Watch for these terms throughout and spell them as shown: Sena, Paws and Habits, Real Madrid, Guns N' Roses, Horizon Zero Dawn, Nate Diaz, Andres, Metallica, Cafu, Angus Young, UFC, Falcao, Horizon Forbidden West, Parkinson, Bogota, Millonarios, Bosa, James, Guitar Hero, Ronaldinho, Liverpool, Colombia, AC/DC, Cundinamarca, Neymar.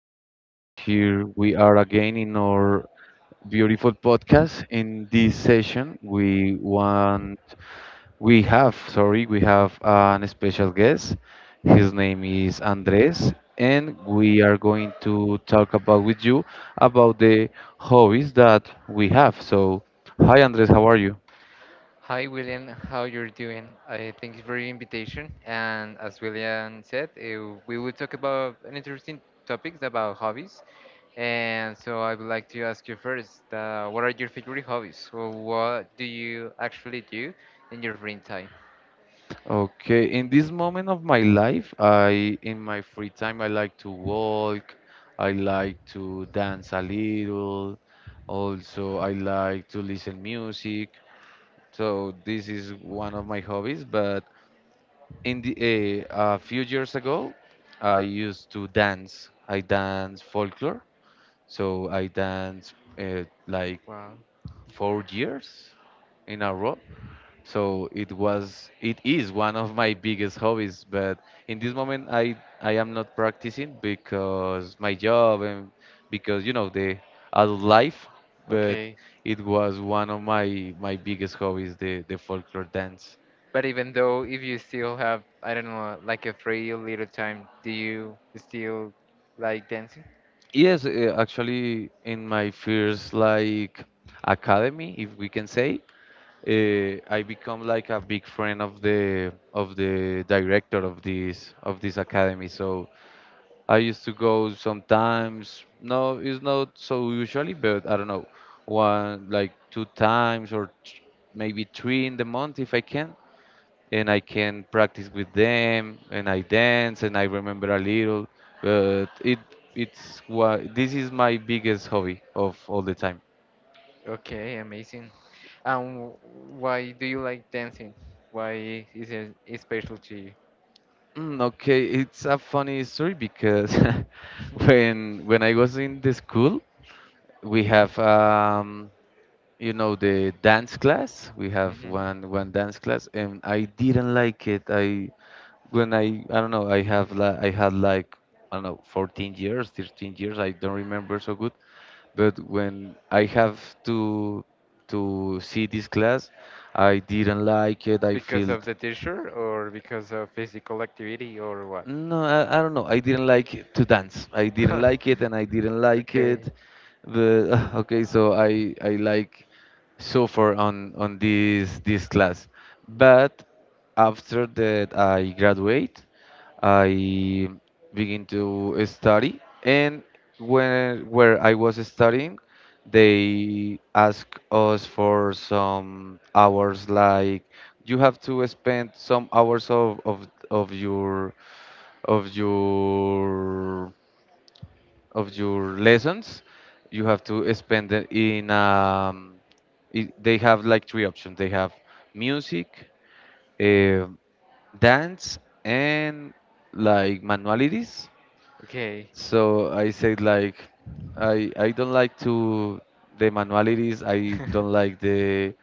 Good afternoon. Here we are again in our beautiful podcast. In this session, we want, we have, sorry, we have an special guest. His name is Andres, and we are going to talk about with you about the hobbies that we have. So, hi, Andres, how are you? Hi William, how you're doing? I thank you for your invitation. And as William said, we will talk about an interesting topics about hobbies. And so I would like to ask you first, what are your favorite hobbies? Or what do you actually do in your free time? Okay, in this moment of my life, I in my free time I like to walk, I like to dance a little, also I like to listen music. So this is one of my hobbies, but a few years ago, I used to dance. I dance folklore. So I dance like Wow. 4 years in a row. So it was, it is one of my biggest hobbies. But in this moment, I am not practicing because my job and because you know the adult life. But Okay. it was one of my biggest hobbies, the folklore dance. But even though if you still have, I don't know, like a free little time, do you still like dancing? Yes, actually, in my first like academy, if we can say, I become like a big friend of the director of this academy. So I used to go sometimes. No, it's not so usually, but I don't know, one like two times or maybe three in the month if I can. And I can practice with them, and I dance, and I remember a little. But it's what this is, my biggest hobby of all the time. Okay, amazing. And why do you like dancing? Why is it is special to you? Okay, it's a funny story because when I was in the school, we have the dance class. We have Hmm. one dance class, and I didn't like it. I don't know, I had like, I don't know, 14 years, 13 years. I don't remember so good. But when I have to to see this class, I didn't like it. I Because of felt. the teacher or because of physical activity or what? No, I don't know. I didn't like it to dance. I didn't like it, and I didn't like it. Okay, But okay, so I like so far on this class. But after that, I graduate. I begin to study, and where I was studying. They ask us for some hours, like you have to spend some hours of your of your lessons, you have to spend it in they have like three options. They have music, uh, dance, and like manualities. okay. So I said like I don't like to the manualities. I don't like the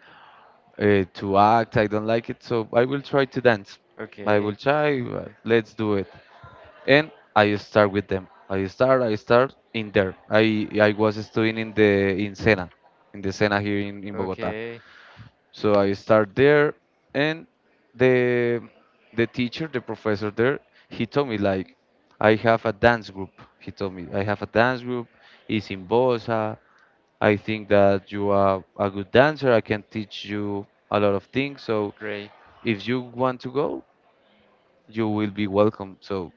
to act. I don't like it. So I will try to dance. I will okay, try. Let's do it. And I start with them. I start. I start in there. I was studying in the in Sena, in the Sena here in Bogota. okay, So I start there, and the the teacher, the professor there, he told me like, I have a dance group. He told me I have a dance group. It's in Bosa. I think that you are a good dancer. I can teach you a lot of things. So great. if you want to go, you will be welcome. So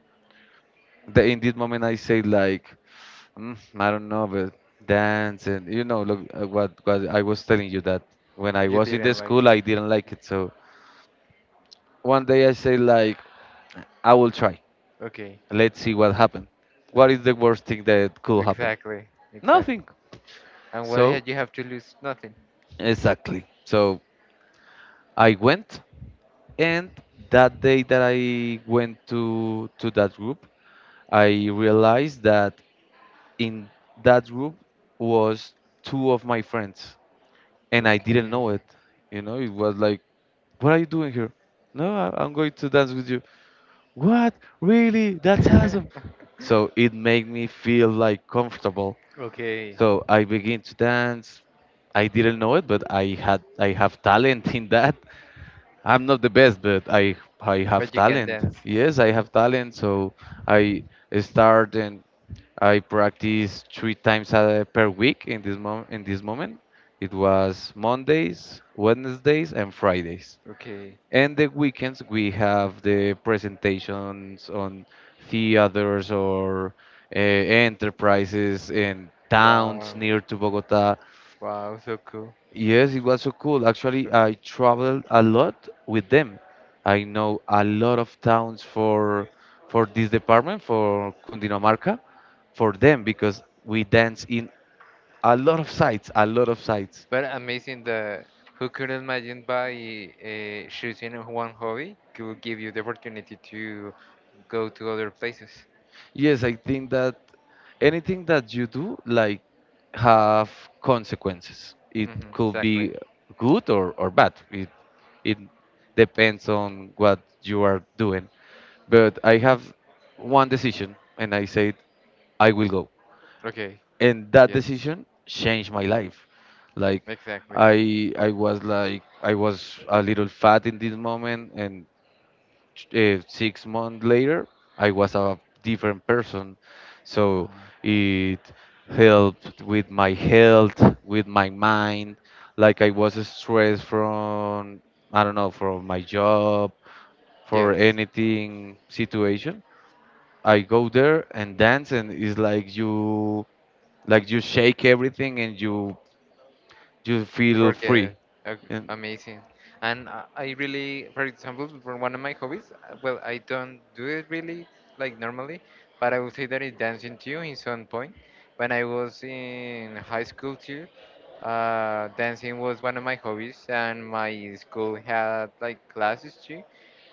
in this moment, I say like, I don't know, but dance and look what I was telling you that when I You was in the didn't like. school, I didn't like it. So one day I say like, I will try. Okay, Let's see what happened. What is the worst thing that could happen? exactly, exactly. Nothing. And what So had you have to lose? Nothing. exactly. So I went, and that day that I went to that group, I realized that in that group was two of my friends, and I didn't know it. Okay. You know, it was like, what are you doing here? No, I'm going to dance with you. What? Really? That's awesome. So it made me feel like comfortable. Okay, So I begin to dance. I didn't know it, but I have talent in that. I'm not the best, but I have but you can talent. dance. Yes, I have talent. So I start and I practice three times per week in this moment. It was Mondays, Wednesdays, and Fridays. Okay, And the weekends we have the presentations on theaters or enterprises in towns wow, near to Bogota. wow, so cool. Yes, it was so cool. Actually, I Okay. traveled a lot with them. I know a lot of towns for this department for Cundinamarca for them because we dance in a lot of sites, a lot of sites. But amazing that who could imagine by choosing one hobby could give you the opportunity to go to other places. Yes, I think that anything that you do, like, have consequences. It Hmm, could exactly. be good or bad. It depends on what you are doing. But I have one decision, and I said I will go, Okay. and that Yes. decision changed my life. Like Exactly. I was a little fat in this moment, and 6 months later, I was a different person. Uh, So it helped with my health, with my mind. Like I was stressed from, I don't know, from my job, for yes. anything situation. I go there and dance, and it's like you shake everything and you feel Forget. free. Okay, And amazing. And I really, for example, for one of my hobbies, well, I don't do it really like normally, but I would say that it's dancing too in some point. When I was in high school too, dancing was one of my hobbies, and my school had like classes too.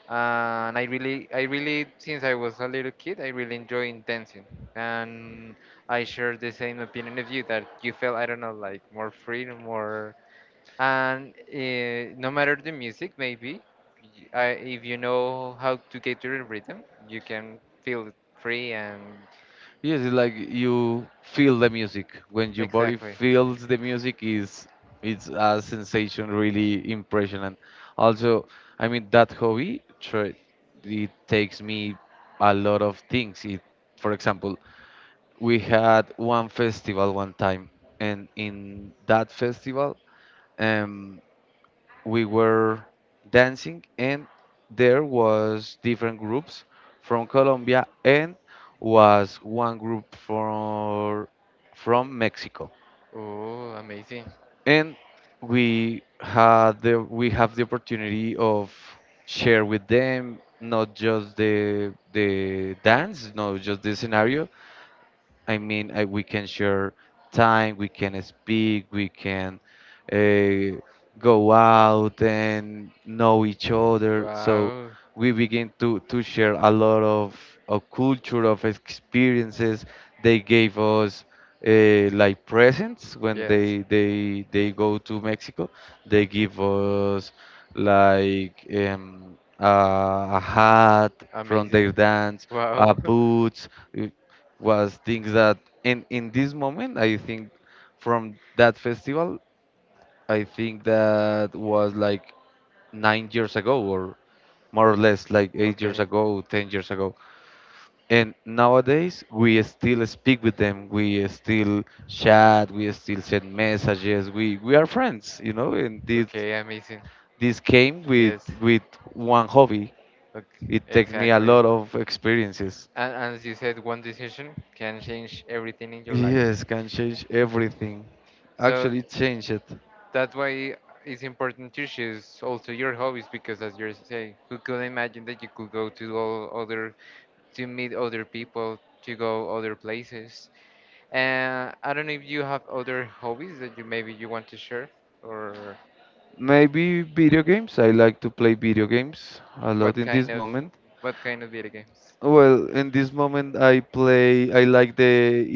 And I really, since I was a little kid, I really enjoyed dancing. And I share the same opinion of you that you felt, I don't know, like more free, more and no matter the music maybe if you know how to get to the rhythm you can feel free and yes, it's like you feel the music. When your body exactly. feels the music, is it's a sensation really impressionant. Also, I mean that hobby, it takes me a lot of things. For example, we had one festival one time, and in that festival, um, we were dancing and there was different groups from Colombia and was one group for from Mexico, Oh, amazing. and we have the opportunity of share with them, not just the dance, not just the scenario. I mean, we can share time, we can speak, we can uh, go out and know each other. So Wow. we begin to share a lot of culture, of experiences. They gave us like presents when Yes. they go to Mexico. They give us like a hat from their Amazing. dance, Wow. boots, uh, was things that in this moment, I think from that festival, I think that was like 9 years ago, or more or less like 8 years Okay, ago, 10 years ago. And nowadays, we still speak with them. We still chat. We still send messages. We are friends. And this okay, amazing. this came with Yes. with one hobby. Okay, It takes me a exactly. lot of experiences. And as you said, one decision can change everything in your life. Yes, can change everything. So Actually, it changed it. that's why it's important to choose also your hobbies because, as you say, who could imagine that you could go to all other to meet other people, to go other places. And I don't know if you have other hobbies that you maybe you want to share, or Maybe video games. I like to play video games a lot what in kind this of moment. what kind of video games? Well, in this moment, I play. I like the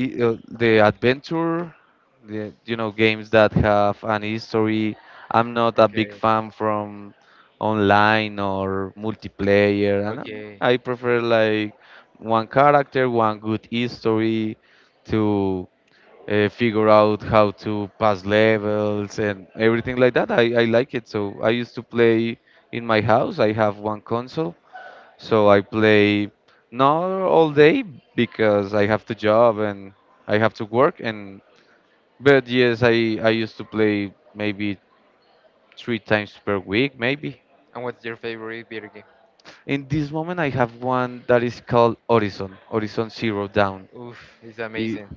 i- uh, the adventure, the games that have an history. I'm not a big Okay, fan from online or multiplayer, and okay. I prefer like one character, one good history to figure out how to pass levels and everything like that. I like it. So I used to play in my house. I have one console so I play not all day because I have the job and I have to work and but yes I used to play maybe three times per week maybe. And what's your favorite video game? In this moment I have one that is called Horizon, Horizon Zero Dawn. Oof, it's It, amazing.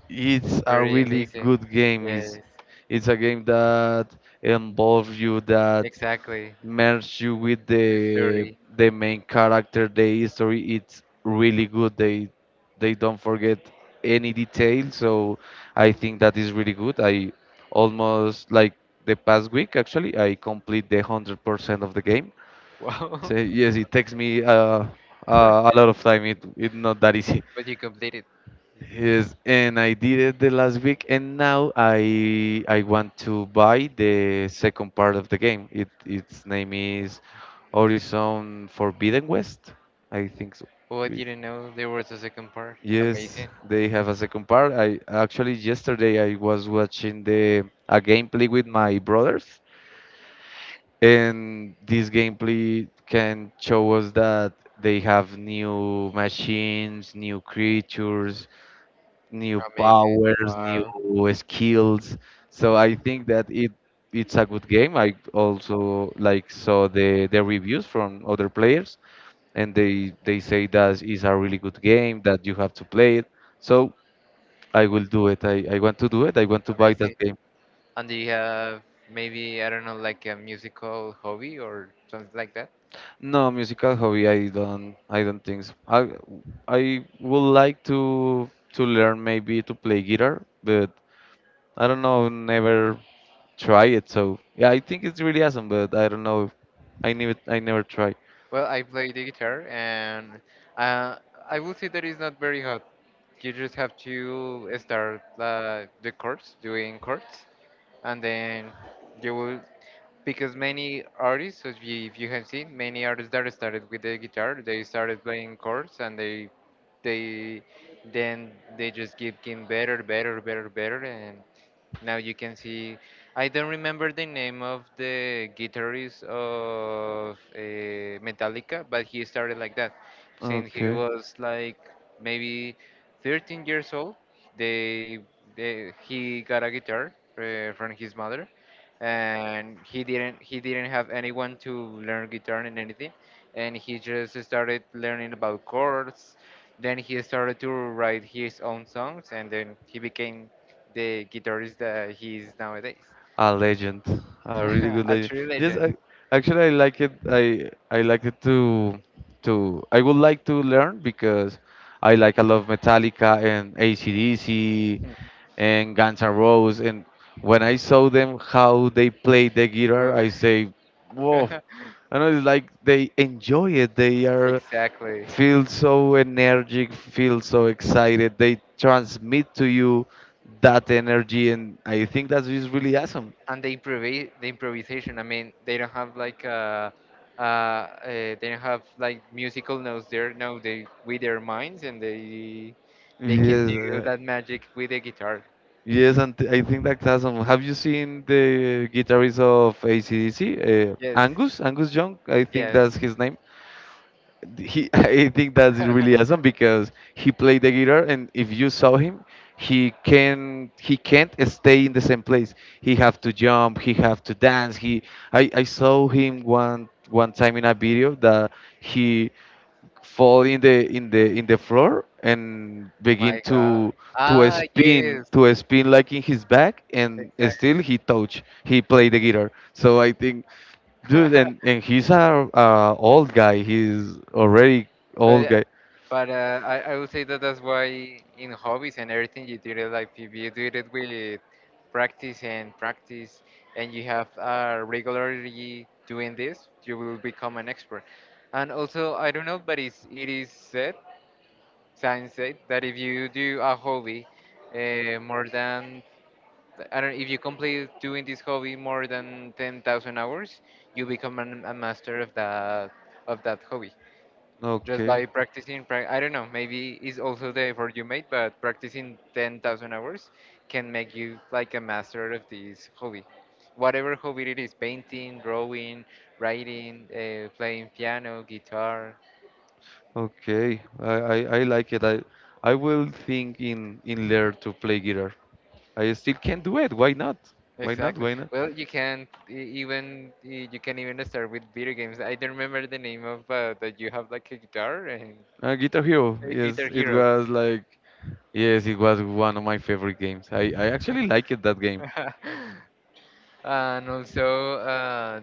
It's it's a pretty really amazing. good game. It's Yes, it's a game that involves you, that exactly. merge you with The the story. the main character, the history. It's really good. They don't forget any detail. So I think that is really good. I almost like the past week actually I complete the 100% of the game. Wow. So yes, it takes me a lot of time. It's not that easy. But you completed. Yes. Yes, and I did it the last week, and now I want to buy the second part of the game. It its name is Horizon Forbidden West, I think so. Oh, I It- didn't know there was a second part. yes, Amazing. they have a second part. I actually yesterday I was watching the a gameplay with my brothers, and this gameplay can show us that they have new machines, new creatures, new Amazing. powers, new Wow. skills. So I think that it's a good game. I also like saw the reviews from other players, and they say that is a really good game that you have to play it. So I will do it. I want to do it. I want to buy Amazing. that game. And do you have maybe, I don't know, like a musical hobby or something like that? No musical hobby. I don't think so. I would like to learn maybe to play guitar, but I don't know. Never try it. So yeah, I think it's really awesome, but I don't know. I never try. Well, I play the guitar, and uh, I would say that it's not very hard. You just have to start the chords, doing chords, and then you will. Because many artists, as you, if you have seen, many artists that started with the guitar, they started playing chords, and they, then they just keep getting better, better, better, better, and now you can see. I don't remember the name of the guitarist of Metallica, but he started like that. Since he Okay, was like maybe 13 years old, they, they he got a guitar from his mother, and he didn't have anyone to learn guitar and anything, and he just started learning about chords. Then he started to write his own songs, and then he became the guitarist that he is nowadays. a legend, a really good A legend. true Yes, legend. I actually I like it. I like it to I would like to learn because I like a lot of Metallica and AC/DC and Guns N' Roses. And when I saw them how they played the guitar, Ooh. I say, whoa. I know it's like they enjoy it. They are Exactly. feel so energetic, feel so excited. They transmit to you that energy, and I think that is really awesome. And the improvisation. I mean, they don't have like uh, uh, they don't have like musical notes there. No, they with their minds and they can Yes, do uh, that magic with the guitar. yes, and I think that's awesome. Have you seen the guitarist of AC/DC, Yes, Angus? Angus Young, I think that's yes. his name. He I think that's really awesome because he played the guitar, and if you saw him, he can't stay in the same place. He have to jump, he have to dance, he I saw him one time in a video that he fall in the floor and begin My God. To Ah, yes. spin, like in his back, and Exactly. still he play the guitar. So I think, dude, and, and he's a old guy. He's already But old uh, guy. but I would say that that's why in hobbies and everything you do it like if you do it with practice and practice and you have regularly doing this, you will become an expert. And also I don't know, but it is said, science said that if you do a hobby more than I don't if you complete doing this hobby more than 10,000 hours, you become a master of that hobby just by Okay, practicing I don't know, maybe it's also the effort you made, but practicing 10,000 hours can make you like a master of this hobby, whatever hobby it is: painting, drawing, writing, playing piano, guitar. okay, I like it. I will think in learn to play guitar. I still can do it. Why not, why not, Exactly. why not? Well, you can even you can even start with video games. I don't remember the name of that you have like a guitar and Guitar Hero, a guitar yes, it hero. was like. Yes, it was one of my favorite games. I actually liked that game. And also,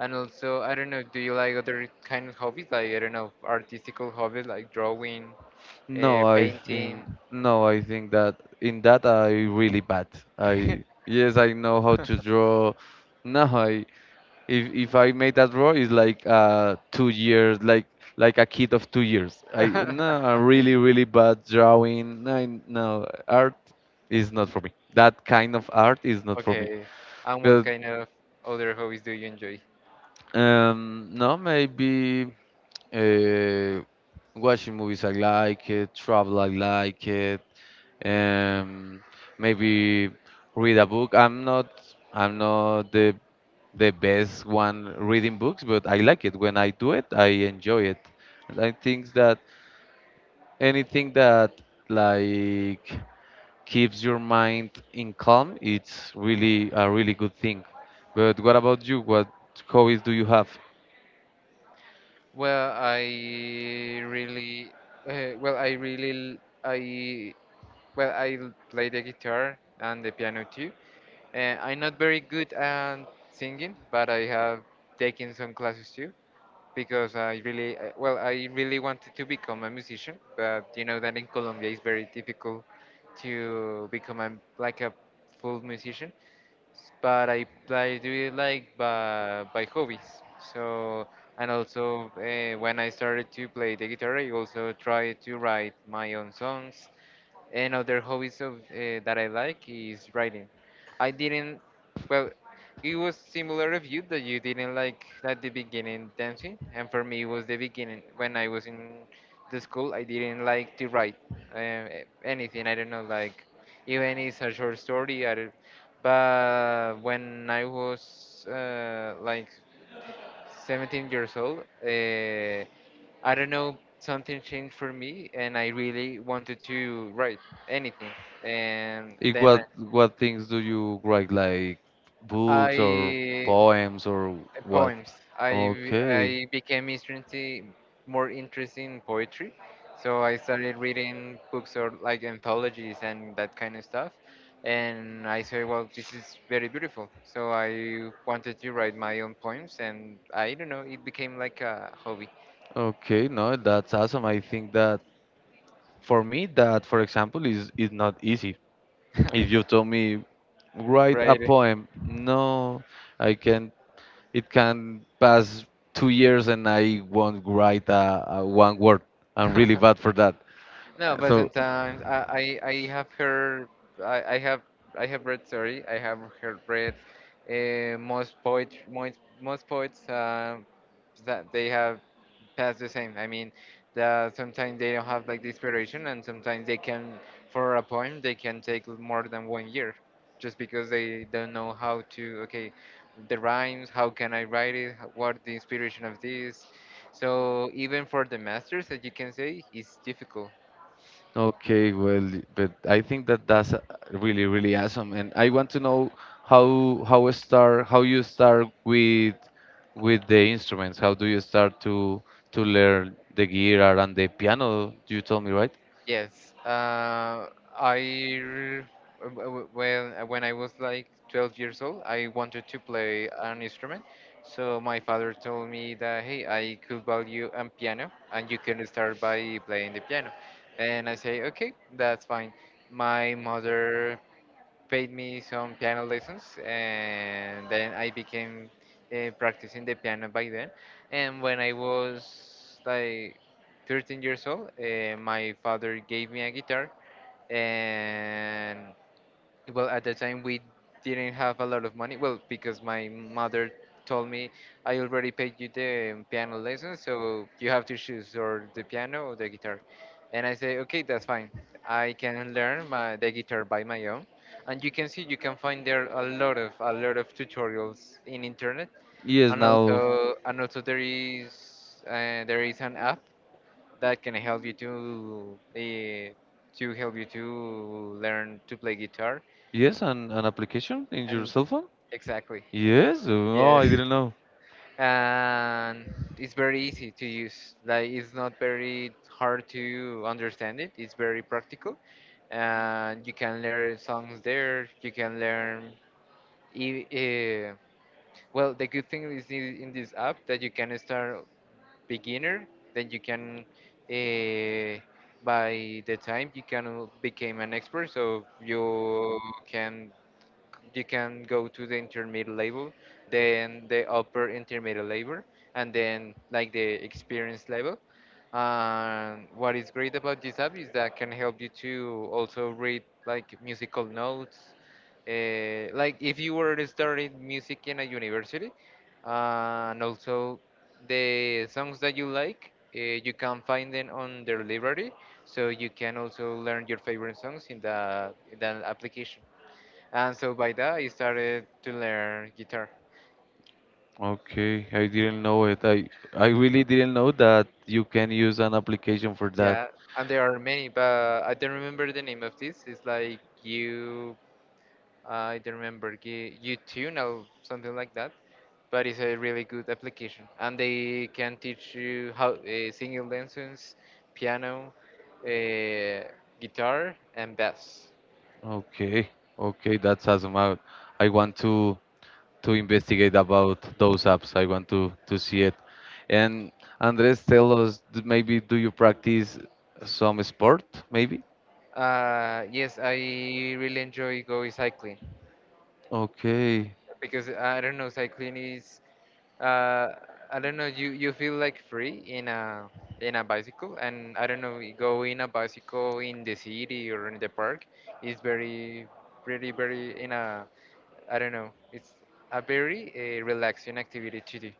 and also, I don't know, do you like other kind of hobbies? Like, I don't know, artistical hobbies like drawing, No, I painting. think no, I think that in that I really bad. I, yes, I know how to draw. No, I, if I made that draw, it's like 2 years, like a kid of 2 years. I no, I'm really really bad drawing. No, I, no, art is not for me. That kind of art is not for me. Okay. And what But kind of other hobbies do you enjoy? No, maybe. uh, Watching movies I like it, travel I like it, um, maybe read a book. I'm not the the best one reading books, but I like it. When I do it, I enjoy it. And I think that anything that like keeps your mind in calm, it's really a really good thing. But what about you? What hobbies do you have? Well, I really, well, I really, l- I, well, I play the guitar and the piano too. I'm not very good at singing, but I have taken some classes too. Because I really well, I really wanted to become a musician, but you know that in Colombia it's very difficult to become a, like a full musician. But I do it like by hobbies. So and also when I started to play the guitar, I also tried to write my own songs. And other hobbies of that I like is writing. I didn't. Well, it was similar of you that you didn't like at the beginning dancing, and for me it was the beginning when I was in the school. I didn't like to write uh, anything. I don't know, like even it's a short story. I don't, but when I was like 17 years old, I don't know, something changed for me, and I really wanted to write anything. And In then what things do you write, like books or I. poems or what? Poems. Okay, I became interested, more interested in poetry, so I started reading books or like anthologies and that kind of stuff, and I said, well, this is very beautiful. So I wanted to write my own poems, and I don't know, it became like a hobby. okay, no, that's awesome. I think that for me, that for example is not easy. If you told me write a Right? poem, no, I can. It can pass 2 years and I won't write a one word. I'm really bad for that. No, but So sometimes I have heard I, I have I have read, sorry, I have heard read most poet most poets that they have passed the same. I mean that sometimes they don't have like the inspiration and sometimes they can for a poem they can take more than one year just because they don't know how to okay the rhymes how can I write it what the inspiration of this. So even for the masters, as you can say, it's difficult. okay, well, but I think that that's really, really awesome, and I want to know how a start how you start with the instruments. How do you start to learn the guitar and the piano? You told me, right? Yes, I r- w- w- when I was like 12 years old, I wanted to play an instrument. So my father told me that hey, I could buy you a piano, and you can start by playing the piano. And I say okay, that's fine. My mother paid me some piano lessons, and then I became practicing the piano by then. And when I was like 13 years old, my father gave me a guitar, and well, at the time we didn't have a lot of money. Well, because my mother told me I already paid you the piano lesson, so you have to choose or the piano or the guitar. And I say, okay, that's fine. I can learn my, the guitar by my own. And you can see you can find there a lot of tutorials in internet, Yes, and now also there is an app that can help you to help you to learn to play guitar. yes, an application in your And cell phone. exactly. Yes, oh, I Yes. didn't know. And it's very easy to use. Like it's not very hard to understand it. It's very practical. And you can learn songs there. You can learn e- eh, well, the good thing is in this app that you can start beginner, then you can uh, by the time you can become an expert, so you can go to the intermediate level, then the upper intermediate level, and then like the experience level. And what is great about this app is that can help you to also read like musical notes. Like if you were starting music in a university, and also the songs that you like, you can find them on their library, so you can also learn your favorite songs in the application. And so by that I started to learn guitar. Okay, I didn't know it. I really didn't know that you can use an application for that. Yeah, and there are many, but I don't remember the name of this. It's like you, I don't remember you tune or something like that. But it's a really good application, and they can teach you how singing lessons, piano, uh, guitar, and bass. Okay, okay, that's awesome. I want to. To investigate about those apps. I want to see it. And Andres, tell us maybe do you practice some sport? Maybe. Yes, I really enjoy going cycling. Okay. Because I don't know, cycling is uh, I don't know, you feel like free in a bicycle, and I don't know, you go in a bicycle in the city or in the park is very, pretty, very in a I don't know, it's a very relaxing activity to do.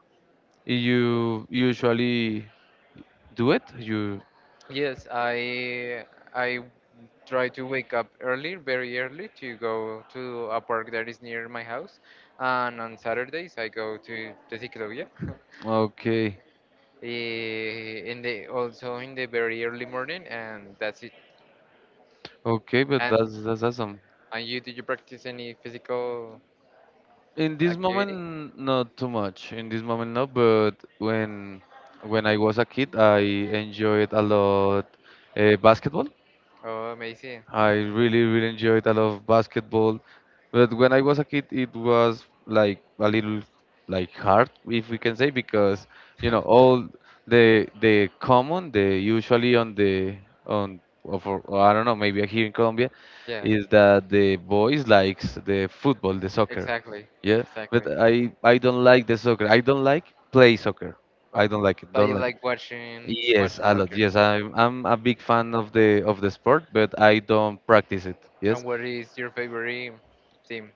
You usually do it? You Yes, I try to wake up early, very early, to go to a park that is near my house, and on Saturdays I go to the ciclovia. Okay? Eh, in the also in the very early morning, and that's it. Okay, but And that's awesome. You did you practice any physical In this activity? moment, not too much. In this moment, no. But when I was a kid, I enjoyed a lot basketball. Oh, amazing! I really, really enjoyed a lot of basketball. But when I was a kid, it was like a little like hard, if we can say, because you know all the common, the usually on the on or for or I don't know, maybe here in Colombia, Yeah, is that the boys likes the football, the soccer. exactly, Yeah, but exactly. I don't like the soccer. I don't like play soccer. Oh, I don't like it. but Don't you like it. like watching, Yes, watching a lot. soccer. Yes, I'm a big fan of the sport, but I don't practice it. And Yes, what is your favorite team?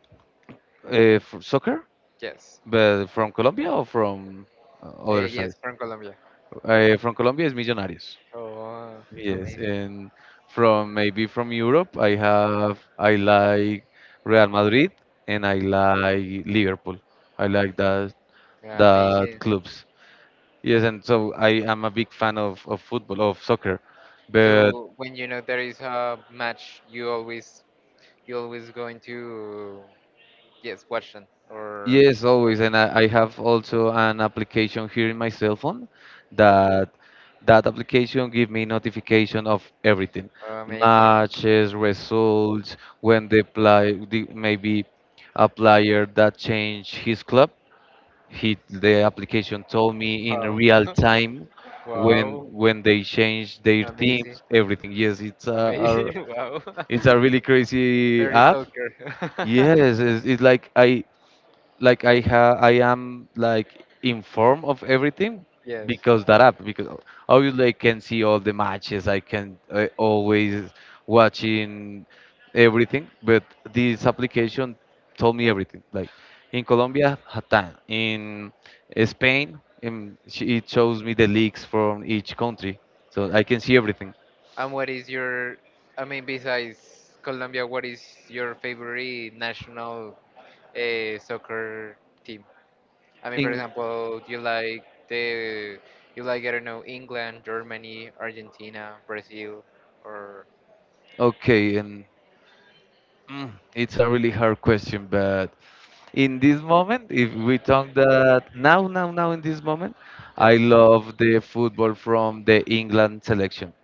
f soccer, Yes, but from Colombia or from other side. yes, from Colombia. From Colombia is Millonarios. Oh, Yes, amazing, and from maybe from Europe, I like Real Madrid and I like Liverpool. I like yeah, that amazing. clubs. Yes, and so I am a big fan of football, of soccer. But So when you know there is a match, you always going to yes watch them or. yes, always, and I have also an application here in my cell phone that that application give me notification of everything, Oh, amazing. matches, results, when the play the, maybe a player that changed his club, he the application told me in Wow. real time Wow. when they change their Amazing. teams, everything. Yes, it's a Amazing. Wow. it's a really crazy Very app. stalker. Yes, it's like I have I am like informed of everything Yes. because that app because obviously I can see all the matches. I can Uh, always watching everything, but this application told me everything like in Colombia Hatan, in Spain in, it shows me the leagues from each country, so I can see everything And what is your, I mean, besides Colombia, what is your favorite national soccer team? I mean, for in example, do you like the, you like, I don't know, England, Germany, Argentina, Brazil, or okay and mm, it's a really hard question, but in this moment, if we talk that now, now, now, in this moment, I yes, love the football from the England selection.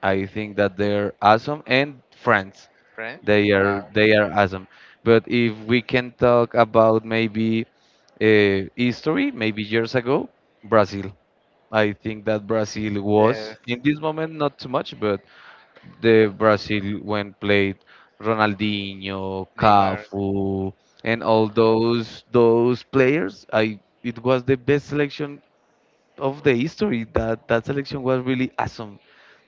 I think that they're awesome, and France, France? Wow. they are awesome. But if we can talk about maybe history, maybe years ago, Brazil. I think that Brazil Yes. was in this moment not too much, but the Brazil when played Ronaldinho, Neymar. Cafu, and all those players. I it was the best selection of the history. That that selection was really awesome.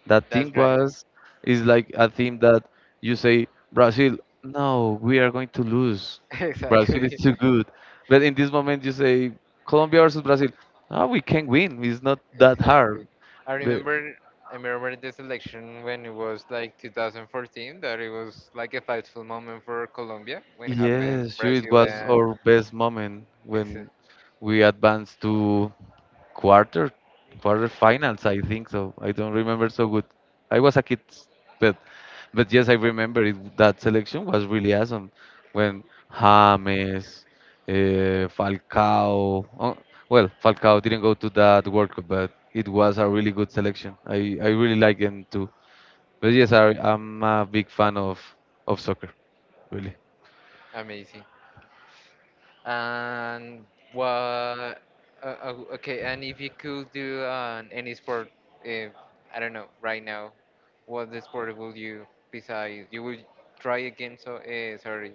That That's team right. was Is like a team that you say Brazil, no, we are going to lose. Brazil is Exactly. too good. But in this moment you say Colombia versus Brazil, ah, we can win. It's not that hard. Exactly. I But. remember I remember this election when it was like 2014 that it was like a fightful moment for Colombia when it happened Yes, sure, it Brazil was and our best moment Excel. when we advanced to quarter quarter finals, I think so. I don't remember so good. I was a kid, but but yes, I remember it, that selection was really awesome when James, Falcao. Oh, well, Falcao didn't go to that World Cup, but it was a really good selection. I really like them too. But yes, I'm a big fan of soccer, really. Amazing. And what okay, and if you could do an any sport if I don't know right now what the sport will you besides you would try again so sorry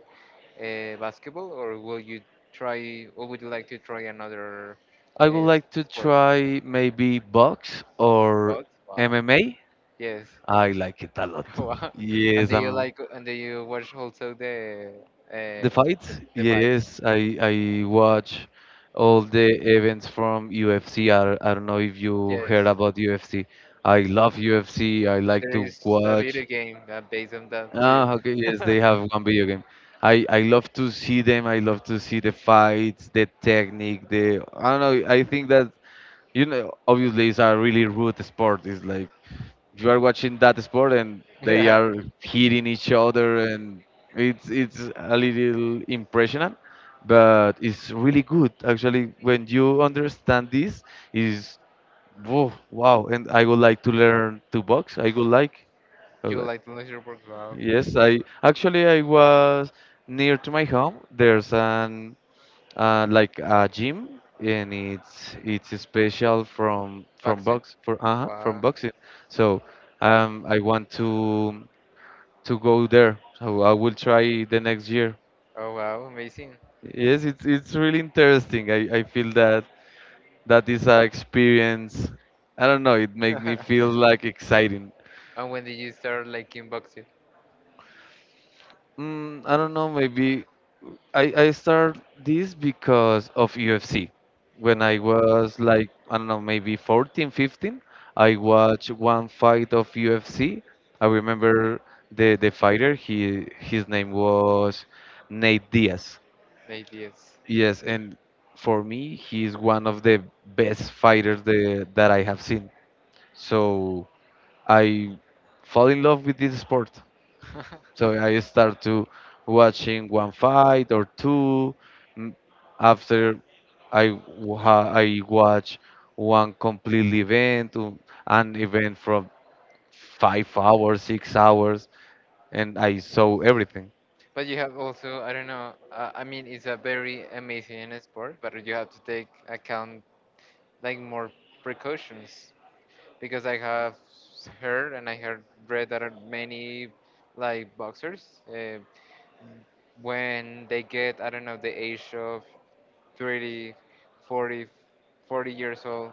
basketball, or will you try, or would you like to try another I would s- like to sport? try maybe box or Both? Wow. MMA. Yes. I like it a lot. Wow. And Yes, do you I'm like, and do you watch also the uh, The fights. The Yes, fights? I watch all the events from UFC. I don't know if you Yes. heard about UFC. I love UFC. I like There to is a watch. video game that based on that too. Ah, okay, yes, they have one video game. I love to see them. I love to see the fights, the technique, the I don't know. I think that you know, obviously, it's a really rude sport. It's like you are watching that sport and they Yeah. are hitting each other, and it's a little impressionant, but it's really good actually. When you understand this, is whoa, wow, and I would like to learn to box. I would You like. like to lose your work? Wow. Yes, I actually I was near to my home. There's an like a gym, and it's special from Boxing? box for from Wow. boxing. So I want to go there. So I will try the next year. Oh wow, amazing. Yes, it's really interesting. I feel that that is a experience. I don't know, it makes me feel like exciting. And when did you start liking boxing? Mm, I don't know, maybe I start this because of UFC. When I Uh, was like, I don't know, maybe 14, 15, I watched one fight of UFC. I remember the fighter, he his name was Nate Diaz. 8 years. Yes, and for me, he's one of the best fighters that I have seen. So I fall in love with this sport. So I start to watching one fight or two. M- After I I watch one complete event, an event from 5 hours, 6 hours, and I saw everything. But you have also, I don't know, I mean, it's a very amazing sport, but you have to take account like more precautions because I heard read that are many like boxers when they get, I don't know, the age of 30 40, 40 years old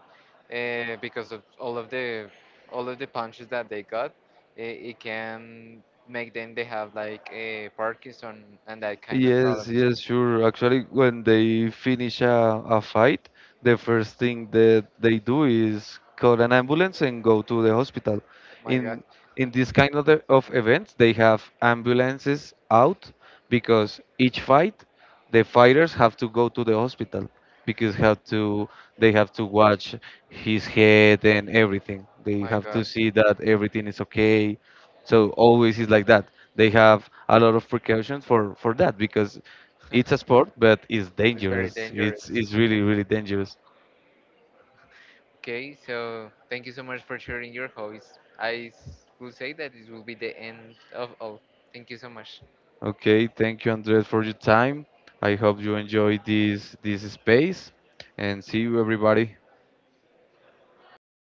because of all of the punches that they got. It can make them they have like a Parkinson and that kind of Yes, problems. yes, sure. Actually, when they finish a fight, the first thing that they do is call an ambulance and go to the hospital. My God, In in this kind of, the, of events, they have ambulances out because each fight, the fighters have to go to the hospital because have to they have to watch his head and everything. They my have to God, see that everything is okay. So always is like that. They have a lot of precautions for that because it's a sport, but it's it's very dangerous. Dangerous. It's really really dangerous. Okay, so thank you so much for sharing your hobbies. Will say that this will be the end of all. Thank you so much. Okay, thank you, Andres, for your time. I hope you enjoyed this this space, and see you everybody.